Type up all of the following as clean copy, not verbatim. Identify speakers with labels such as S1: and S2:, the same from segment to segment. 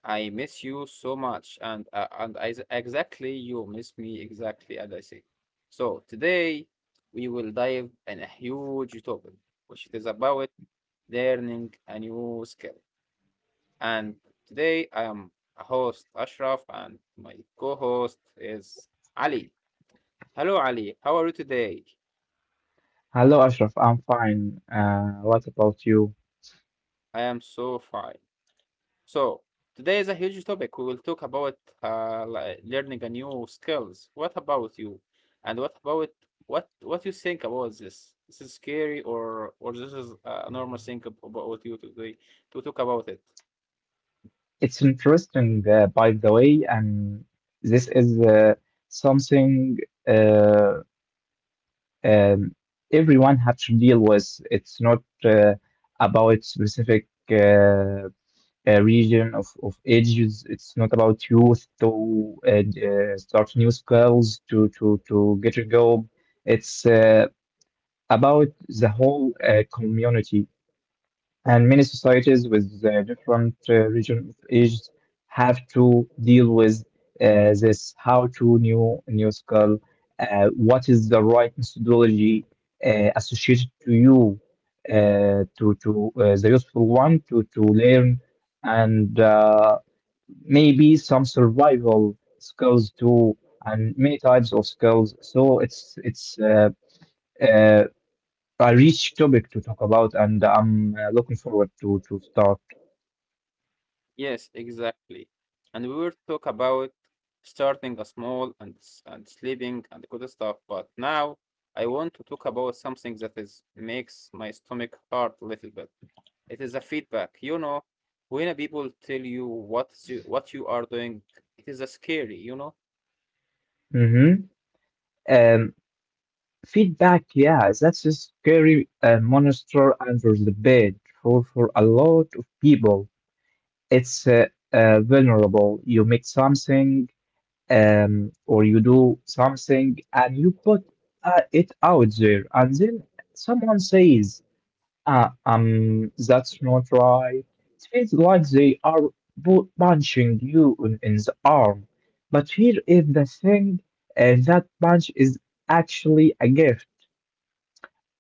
S1: I miss you so much and exactly you miss me exactly as I say. So today we will dive in a huge topic which is about learning a new skill. And today I am a host Ashraf and my co-host is Ali. Hello Ali, how are you today?
S2: Hello, Ashraf. I'm fine. What about you?
S1: I am so fine. So today is a huge topic. We will talk about learning a new skills. What about you? And what about what you think about this? This is scary or this is a normal thing about you today to talk about it?
S2: It's interesting, by the way, and this is something uh, um, everyone had to deal with. It's not about specific region of ages. It's not about youth to start new skills, to get a job. It's about the whole community, and many societies with different region of ages have to deal with this how to new skill, what is the right methodology associated to you, to the useful one to learn, and maybe some survival skills too, and many types of skills. So it's uh, I reached topic to talk about, and I'm looking forward to start.
S1: Yes, exactly. And we will talk about starting a small and and sleeping and good stuff. But now I want to talk about something that is makes my stomach hurt a little bit. It is a feedback. When a people tell you what you are doing, it is a scary, you know?
S2: hmm Um, Feedback, yeah, that's a scary monster under the bed for a lot of people. It's vulnerable. You make something, or you do something, and you put it out there, and then someone says, that's not right. It feels like they are punching you in the arm. But here is the thing, that punch is actually a gift.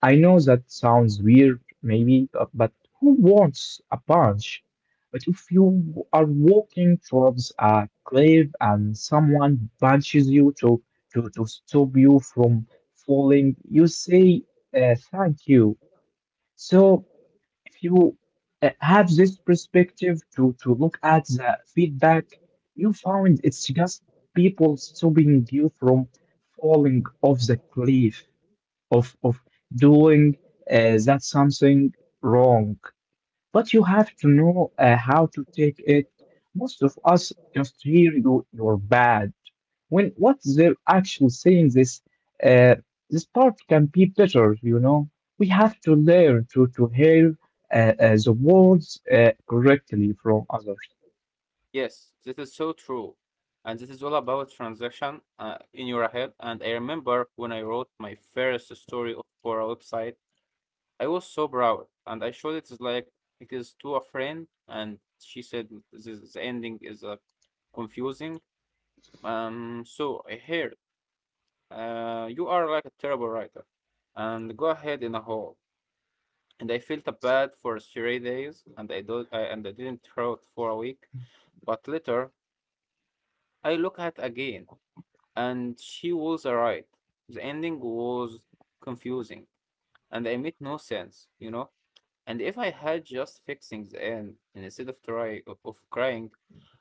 S2: I know that sounds weird, maybe, but who wants a punch? But if you are walking towards a cliff and someone punches you to stop you from falling, you say, thank you. So, if you have this perspective to look at the feedback, you found it's just people stopping you from falling off the cliff of doing that something wrong. But you have to know how to take it. Most of us just hear, you, you're bad, when what's their actual saying this uh, this part can be better, you know. We have to learn to hear the words correctly from others.
S1: Yes, this is so true. And this is all about transaction in your head. And I remember when I wrote my first story for a website, I was so proud. And I showed it is like it is to a friend, and she said this is- the ending is confusing. So I heard. You are like a terrible writer. And go ahead in a hole. And I felt bad for 3 days, and I didn't write for a week. But later, I look at again, and she was right. The ending was confusing, and I made no sense, you know. And if I had just fixing the end instead of try of crying,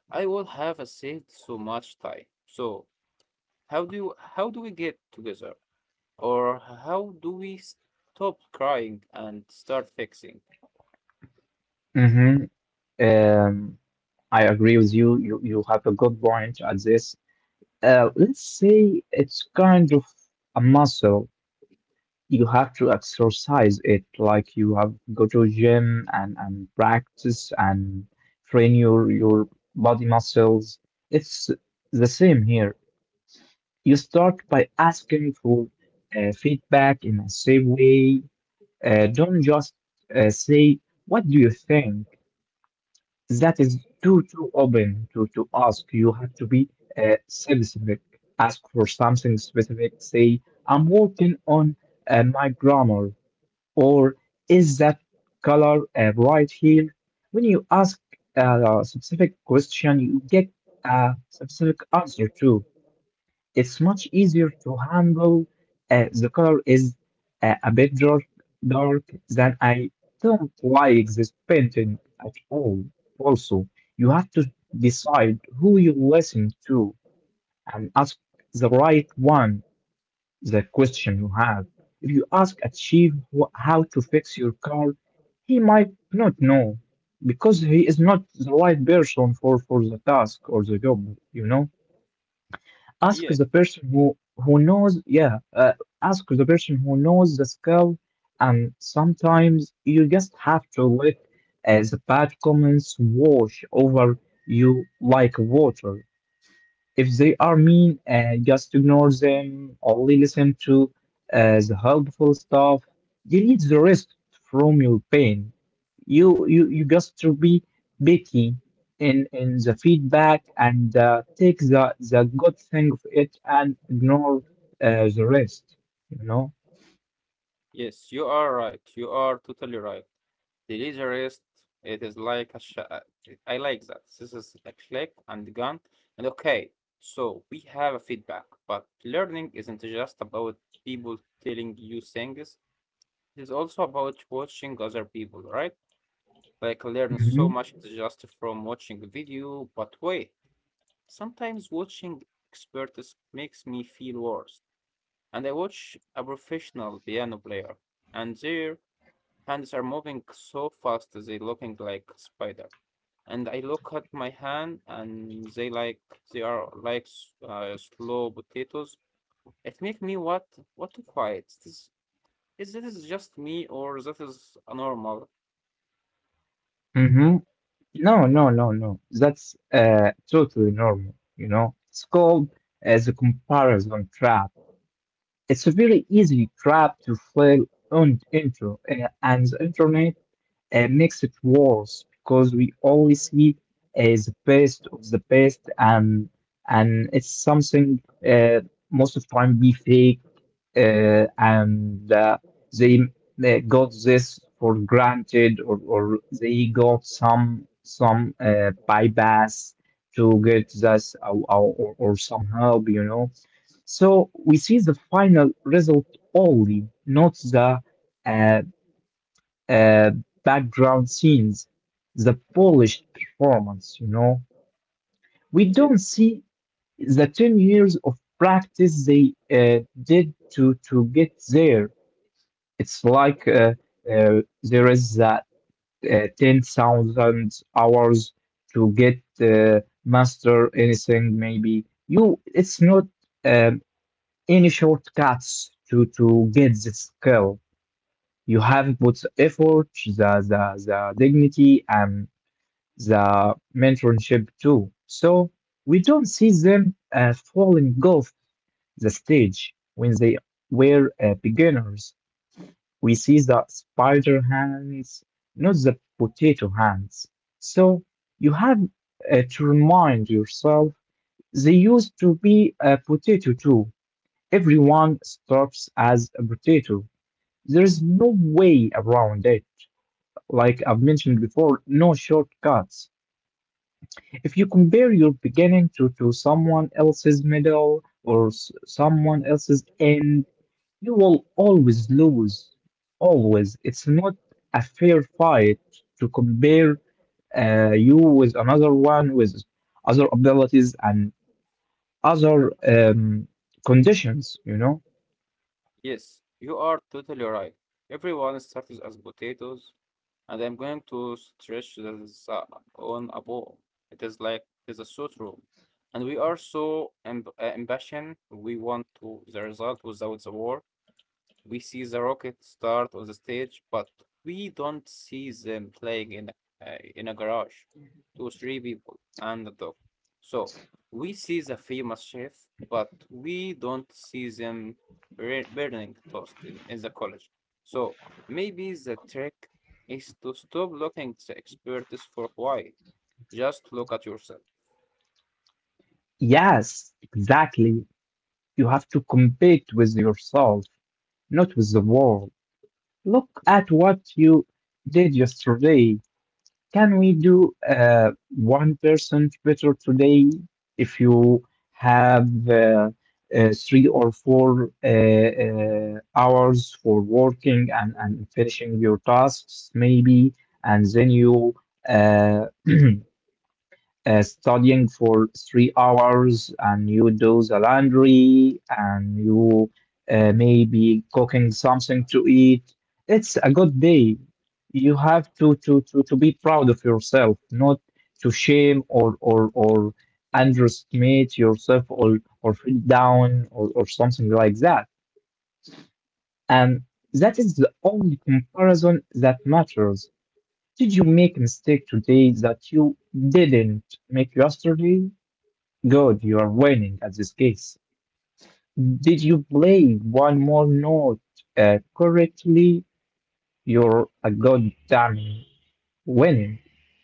S1: I would have saved so much time. So how do we get together? Or how do we stop crying and start fixing?
S2: hmm Um, I agree with you. You have a good point at this. Let's say it's kind of a muscle. You have to exercise it like you have go to gym, and practice, and train your body muscles. It's the same here. You start by asking for feedback in a safe way. Don't just say what do you think. That is too open to ask. You have to be specific, ask for something specific. Say, I'm working on my grammar, or is that color right here? When you ask a specific question, you get a specific answer too. It's much easier to handle the color is a bit dark, dark, than I don't like this painting at all. Also, you have to decide who you listen to, and ask the right one the question you have. If you ask a chief how to fix your car, he might not know, because he is not the right person for the task or the job, you know. Ask
S1: Yes,
S2: the person who knows, yeah, ask the person who knows the skill. And sometimes you just have to let the bad comments wash over you like water. If they are mean, just ignore them, only listen to the helpful stuff. Delete the rest from your pain. You just to be picky in the feedback, and take the good thing of it, and ignore the rest, you know.
S1: yes, you are right. You are totally right. The laser rest, it is like a I like that. This is a click and gone. And okay, so we have a feedback, but learning isn't just about people telling you things. It is also about watching other people, right? Like learn so
S2: Mm-hmm.
S1: much just from watching a video, but wait. Sometimes watching experts makes me feel worse. And I watch a professional piano player, and their hands are moving so fast they looking like spider. And I look at my hand, and they are like slow potatoes. It make me what to quiet. Is this is just me or that is normal?
S2: Mm-hmm. No, no, no, no. That's totally normal. You know, it's called as a comparison trap. It's a very easy trap to fall on, into, and the internet makes it worse, because we always see the best of the best, and it's something uh, most of the time be fake, and they got this for granted, or they got some bypass to get this, or or somehow, you know. So we see the final result only, not the uh, uh, background scenes, the polished performance, you know. We don't see the 10 years of practice they did to get there. It's like there is that 10,000 hours to get master anything, maybe. You, it's not um any shortcuts to get the skill. You have put the effort, the dignity, and the mentorship too. So we don't see them falling off the stage when they were beginners. We see the spider hands, not the potato hands. So you have to remind yourself they used to be a potato too. Everyone starts as a potato. There's no way around it. Like I've mentioned before, no shortcuts. If you compare your beginning to someone else's middle or someone else's end, you will always lose. Always. It's not a fair fight to compare you with another one with other abilities and other conditions, you know?
S1: Yes, you are totally right. Everyone starts as potatoes and I'm going to stretch this on a ball. It is a suit. And we are so impatient. We want to the result without the war. We see the rocket start on the stage, but we don't see them playing in a garage, two, three people and a dog. So we see the famous chef, but we don't see them burning toast in the college. So maybe the trick is to stop looking at the experts for why. Just look at yourself.
S2: Yes, exactly. You have to compete with yourself, not with the world. Look at what you did yesterday. Can we do 1% better today? If you have three or four hours for working, and finishing your tasks, maybe, and then you uh, studying for 3 hours, and you do the laundry, and you maybe cooking something to eat. It's a good day. You have to be proud of yourself, not to shame, or underestimate yourself, or feel down, or something like that. And that is the only comparison that matters. Did you make a mistake today that you didn't make yesterday? Good, you are winning at this case. Did you play one more note correctly? You're a goddamn winning.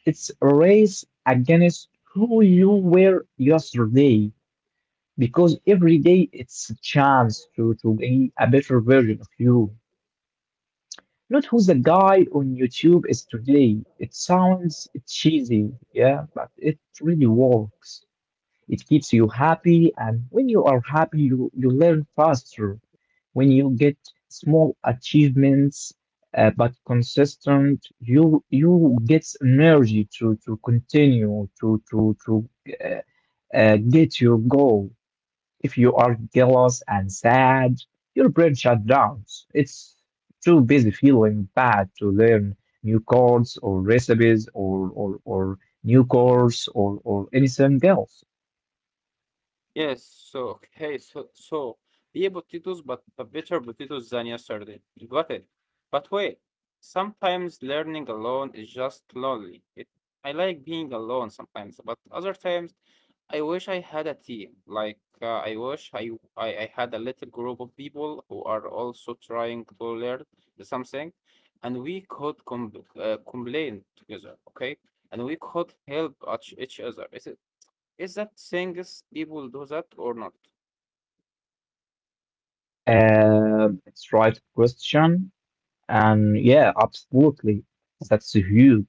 S2: It's a race against who you were yesterday, because every day it's a chance to be a better version of you. Not who the guy on YouTube is today. It sounds cheesy, yeah, but it really works. It keeps you happy, and when you are happy, you learn faster. When you get small achievements, but consistent, you get energy to continue to uh, get your goal. If you are jealous and sad, your brain shuts down. It's too busy feeling bad to learn new chords or recipes, or new course, or anything else.
S1: Yes, so okay, beer potatoes, but better potatoes than yesterday. Got it. But wait, sometimes learning alone is just lonely. It, I like being alone sometimes, but other times I wish I had a team. I wish I had a little group of people who are also trying to learn something, and we could complain together, okay? And we could help each other. It? Is that saying is people do that or not?
S2: It's right question. And yeah, absolutely. That's huge.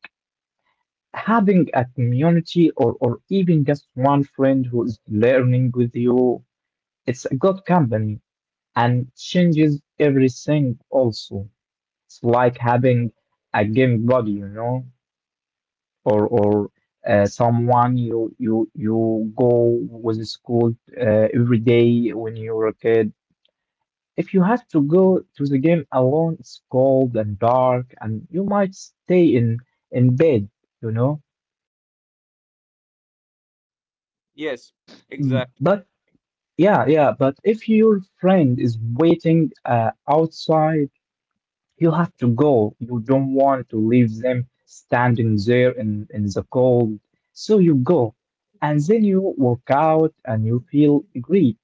S2: Having a community, or even just one friend who is learning with you, it's a good company and changes everything also. It's like having a game buddy, you know, or someone you go with the school every day when you were a kid. If you have to go to the game alone, it's cold and dark, and you might stay in bed, you know.
S1: Yes, exactly.
S2: But yeah, yeah. But if your friend is waiting outside, you have to go. You don't want to leave them standing there in the cold, so you go, and then you work out and you feel great.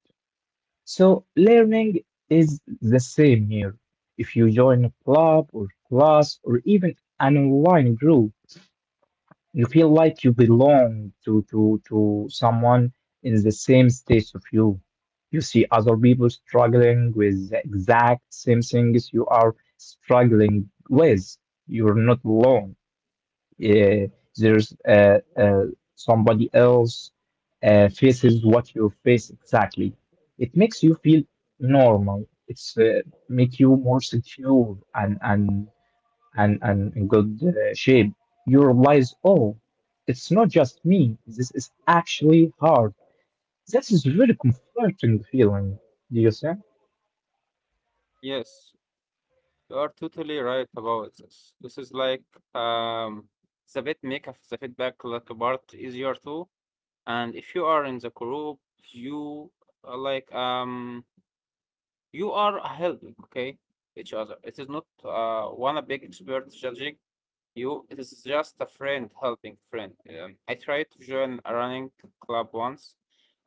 S2: So learning is the same here. If you join a club or class, or even an online group, you feel like you belong to someone in the same stage of you. You see other people struggling with the exact same things you are struggling with. You're not alone, uh, there's somebody else faces what you face exactly. It makes you feel normal. It's make you more secure, and in good shape. You realize, oh, it's not just me. This is actually hard. This is really comforting feeling. Do you see?
S1: Yes, you are totally right about this. This is like um, the bit make of the feedback like part easier too. And if you are in the group, you uh, like um you are helping, okay, each other. It is not one a big expert judging. You, it is just a friend helping friend. I tried to join a running club once,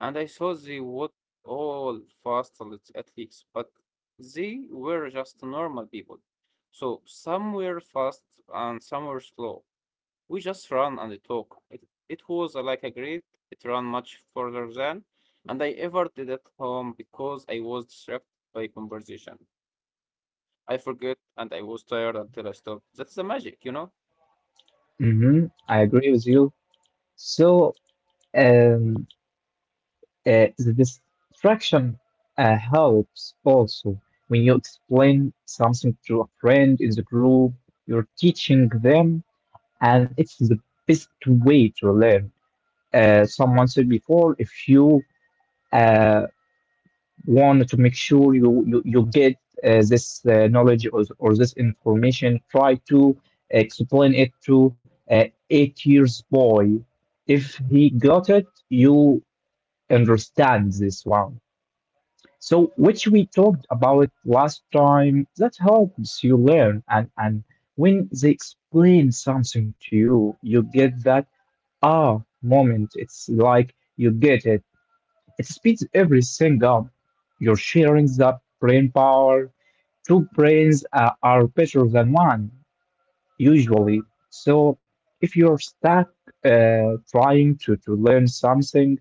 S1: and I saw they would all fast athletes, but they were just normal people. So some were fast and some were slow. We just ran and talk. It was like a great. It ran much further than, and I ever did at home because I was distracted by conversation. I forget and I was tired until I stopped. That's the magic, you know.
S2: Mm-hmm. I agree with you. So. Um, the distraction helps also. When you explain something to a friend in the group, you're teaching them, and it's the best way to learn. Someone said before, if you uh, want to make sure you get this knowledge, or this information, try to explain it to an 8 years boy. If he got it, you understand this one. So, which we talked about last time, that helps you learn. And when they explain something to you, you get that ah moment. It's like you get it. It speeds everything up. You're sharing that brain power. Two brains are better than one, usually. So, if you're stuck trying to learn something,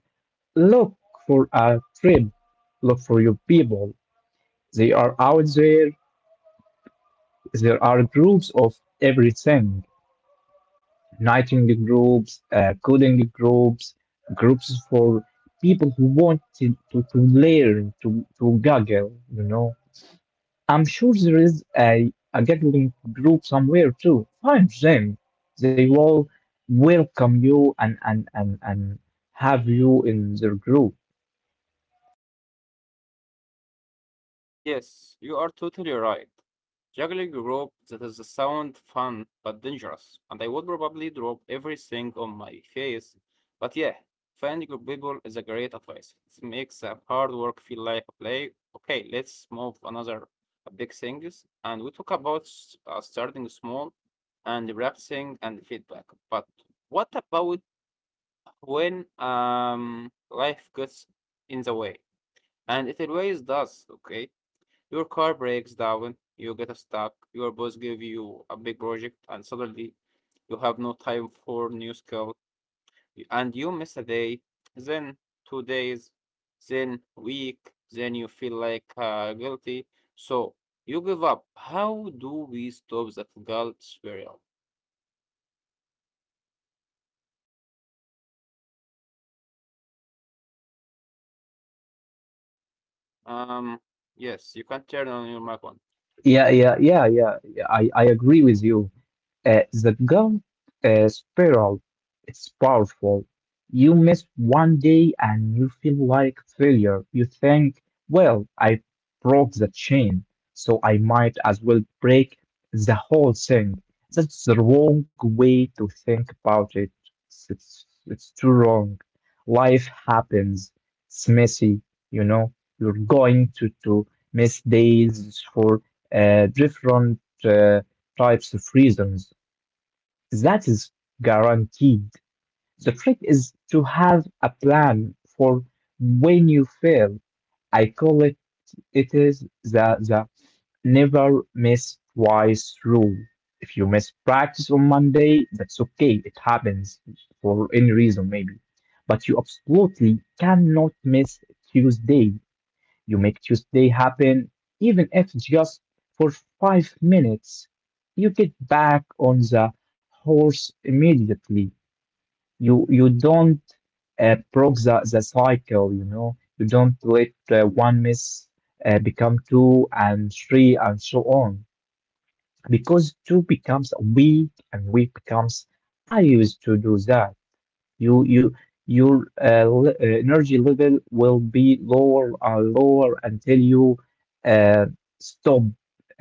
S2: look for a trip, look for your people, they are out there. There are groups of everything, writing groups, coding groups, groups for people who want to learn, to Google, you know. I'm sure there is a gaggling group somewhere too. Find them. They will welcome you and, and have you in their group.
S1: Yes, you are totally right. Juggling a rope that is a sound fun but dangerous, and I would probably drop everything on my face. But yeah, finding good people is a great advice. It makes hard work feel like a play. Okay, let's move another big things, and we talk about starting small and practicing and feedback. But what about when life gets in the way? And it always does, okay? Your car breaks down, you get stuck, your boss give you a big project, and suddenly you have no time for new skill, and you miss a day, then 2 days, then week, then you feel like guilty, so you give up. How do we stop that guilt spiral? Um, yes, you can turn on your mic on.
S2: Yeah, I agree with you. The guilt spiral, it's powerful. You miss one day and you feel like failure. You think, well, I broke the chain, so I might as well break the whole thing. That's the wrong way to think about it. It's too wrong. Life happens. It's messy, you know. You're going to miss days for different types of reasons that is guaranteed. The trick is to have a plan for when you fail. I call it it is the never miss twice rule. If you miss practice on Monday, that's okay. It happens for any reason maybe. But you absolutely cannot miss Tuesday. You make Tuesday happen, even if just for 5 minutes. You get back on the horse immediately. You don't broke the cycle, you know. You don't let one miss become two and three and so on. Because two becomes weak and weak becomes, I used to do that. You your energy level will be lower and lower until you uh, stop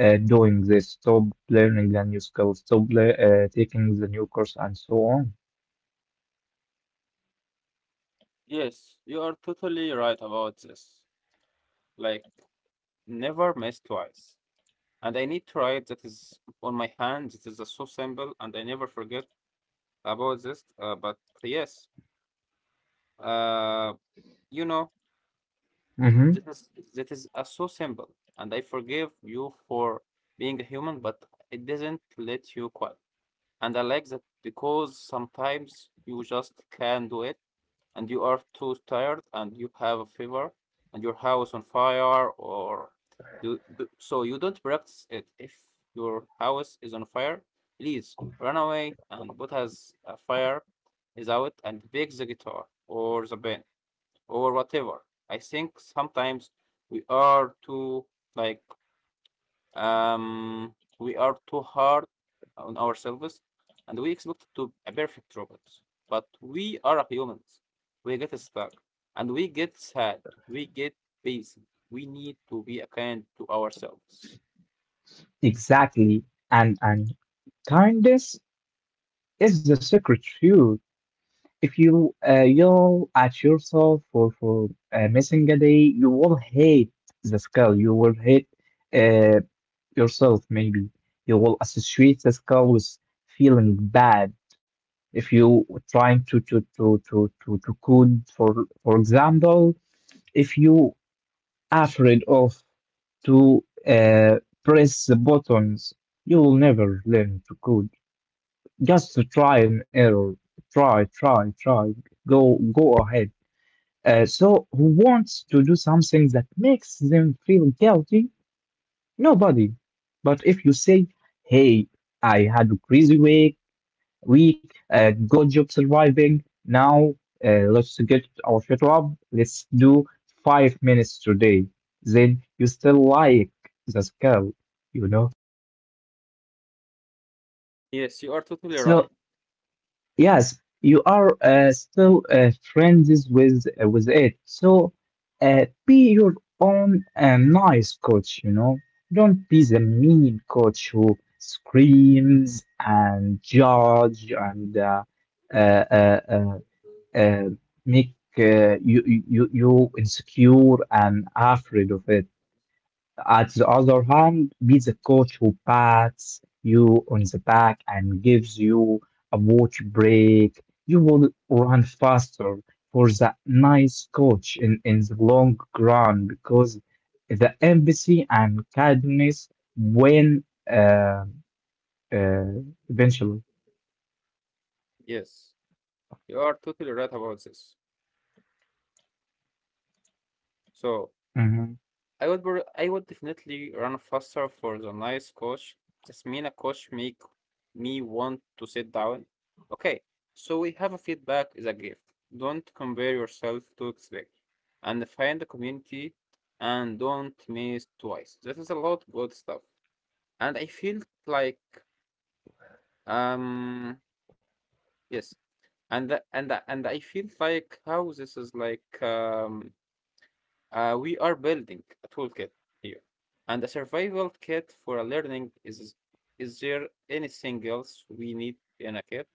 S2: doing this, stop learning the new skills, stop taking the new course, and so on.
S1: Yes, you are totally right about this. Like, never miss twice. And I need to write that is on my hand. It is so simple, and I never forget about this. But yes, uh, you know, that
S2: Hmm.
S1: is that is uh, so simple, and I forgive you for being a human, but it doesn't let you quit. And I like that because sometimes you just can do it and you are too tired and you have a fever and your house on fire or so you don't practice it if your house is on fire please run away and put as a fire is out and pick the guitar or the band or whatever. I think sometimes we are too like we are too hard on ourselves and we expect to a perfect robots. But we are humans. We get stuck and we get sad. We get busy. We need to be kind to ourselves.
S2: Exactly, and kindness is the secret too. If you yell at yourself for missing a day, you will hate the skill. You will hate. Uh, Yourself, maybe. You will associate this color with feeling bad. If you trying to code for example, if you afraid of to press the buttons, you will never learn to code. Just to try and error. Try, try, try. Go ahead. So who wants to do something that makes them feel guilty? Nobody. But if you say, hey, I had a crazy week, good job surviving. Now, let's get our shit up. Let's do 5 minutes today. Then you still like the skill, you know?
S1: Yes, you are totally right.
S2: So yes, you are still friends with it. So be your own nice coach, you know. Don't be the mean coach who screams and judge and uh, uh, uh, uh, make you insecure and afraid of it. At the other hand, be the coach who pats you on the back and gives you a watch break. You will run faster for the nice coach in the long run because the empathy and kindness win uh, uh, eventually.
S1: Yes, you are totally right about this. So
S2: Hmm.
S1: I would definitely run faster for the nice coach. Just mean a coach make me want to sit down. Okay, so we have a feedback is a gift. Don't compare yourself to expect, and find the community, and don't miss twice. This is a lot good stuff, and I feel like um yes, and the- and the- and I feel like how this is like we are building a toolkit here and a survival kit for a learning. Is there anything else we need in a kit?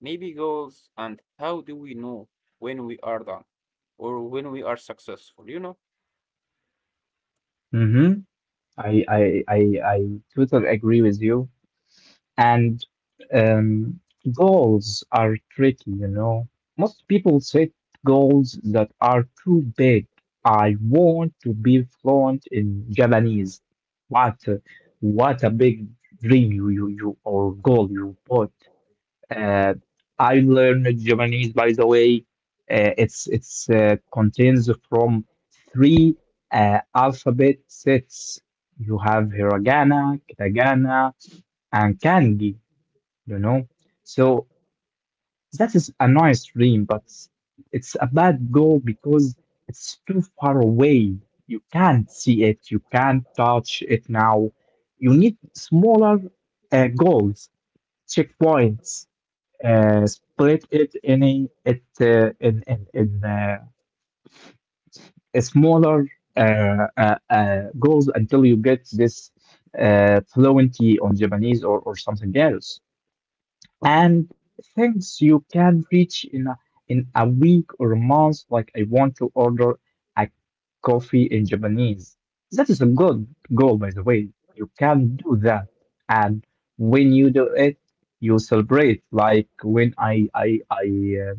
S1: Maybe goals and how do we know when we are done or when we are successful, you know?
S2: Hmm. I totally agree with you. And um, goals are tricky, you know. Most people set goals that are too big. I want to be fluent in Japanese. What, a- what a big dream you or goal you put. Uh, I learned Japanese, by the way. It's contains from three alphabet sets. You have hiragana, katakana, and kanji, you know? So that is a nice dream, but it's a bad goal because it's too far away. You can't see it, you can't touch it now. You need smaller goals, checkpoints. Split it in a smaller goals until you get this fluency on Japanese, or something else. And things you can reach in in a week or a month. Like I want to order a coffee in Japanese. That is a good goal, by the way. You can do that, and when you do it, you celebrate. Like when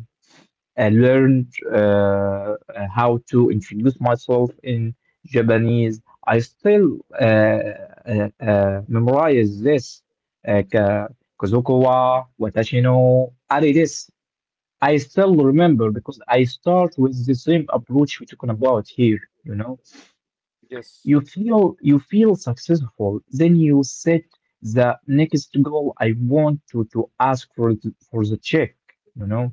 S2: I learned how to introduce myself in Japanese. I still memorize this, uh, ka- Kazuko wa watashi no are desu. I still remember because I start with the same approach we're talking about here, you know.
S1: Yes,
S2: You feel successful, then you set the next goal. I want to ask for the check. You know,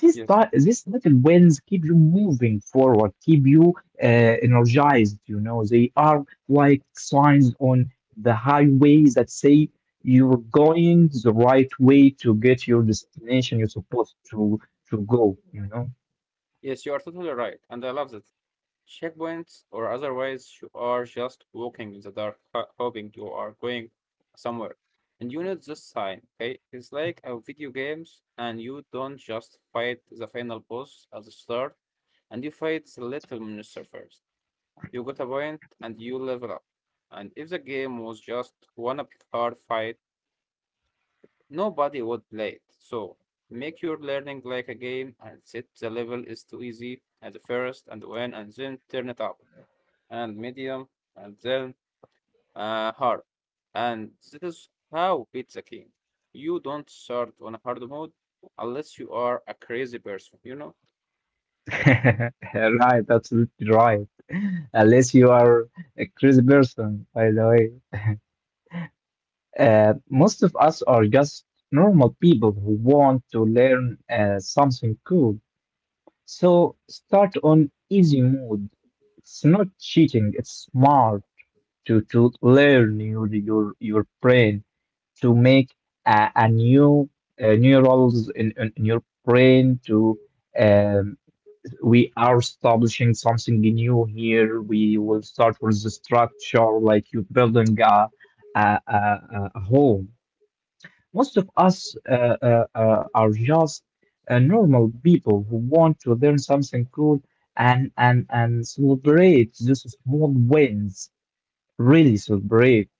S1: yes,
S2: these little wins keep you moving forward, keep you energized. You know, they are like signs on the highway that say you're going the right way to get your destination you're supposed to go, you know.
S1: yes, you are totally right. And I love that checkpoints or otherwise you are just walking in the dark hoping you are going somewhere and you need this sign. Okay, it's like a video games and you don't just fight the final boss at the start and you fight the little minister first. You get a point and you level up, and if the game was just one up card fight nobody would play it. So make your learning like a game and set the level is too easy at the first, and when and then turn it up and medium and then hard. And this is how it's a game. You don't start on hard mode unless you are a crazy person, you know?
S2: Right, absolutely right. Unless you are a crazy person, by the way. Most of us are just normal people who want to learn something cool. So start on easy mode. It's not cheating, it's smart to learn your brain, to make a new neurons in your brain, to um, we are establishing something new here. We will start with the structure, like you building a home. Most of us are just normal people who want to learn something cool, and celebrate these small wins, really celebrate.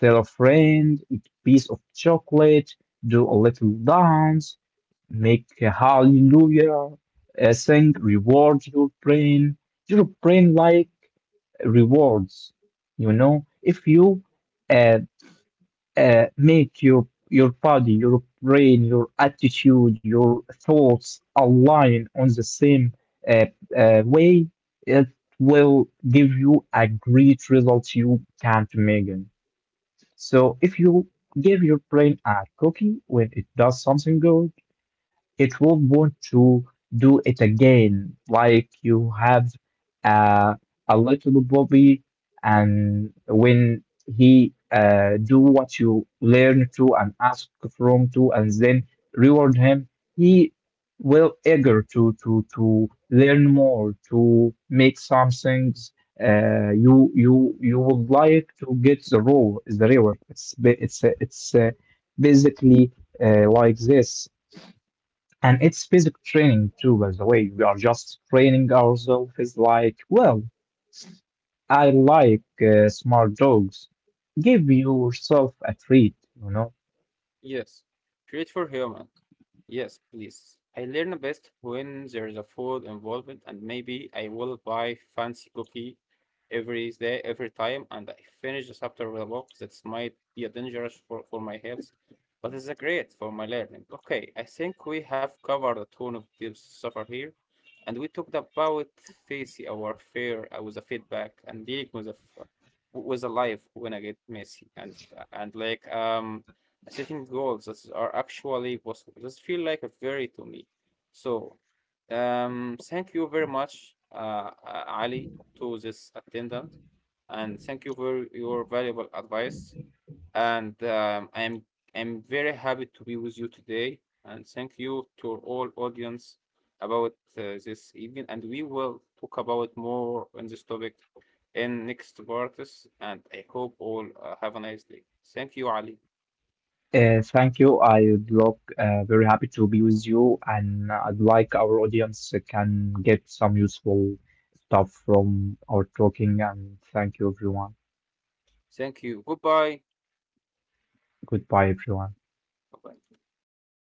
S2: Tell a friend, eat a piece of chocolate, do a little dance, make a hallelujah, sing, reward your brain. Your brain like rewards, you know. If you uh, make your body, your brain, your attitude, your thoughts align on the same uh, way, it will give you a great result you can't imagine. So if you give your brain a cookie when it does something good, it will want to do it again, like you have uh, a little puppy, and when he do what you learn to and ask from to, and then reward him, he will eager to learn more, to make some things you would like to get the role the reward. It's ba- it's basically like this. And it's basic training too, by the way. We are just training ourselves. It's like, well, I like smart dogs. Give yourself a treat, you know.
S1: Yes, treat for human. Yes, please. I learn best when there is a food involved, and maybe I will buy fancy cookie every day, every time, and I finish the chapter with a book that might be a dangerous for my health, but it's a great for my learning. Okay, I think we have covered a ton of deep suffer here and we talked about facing our fear with a feedback and dealing with the f- with the life when I get messy and setting goals that are actually possible. Just feel like a very to me. So thank you very much, Ali, to this attendant, and thank you for your valuable advice and I'm very happy to be with you today. And thank you to all audience about this evening. And we will talk about more on this topic in next parts. And I hope all have a nice day. Thank you, Ali.
S2: Thank you. I would look very happy to be with you, and I'd like our audience can get some useful stuff from our talking. And thank you, everyone.
S1: Thank you. Goodbye.
S2: Goodbye, everyone.
S1: Bye bye.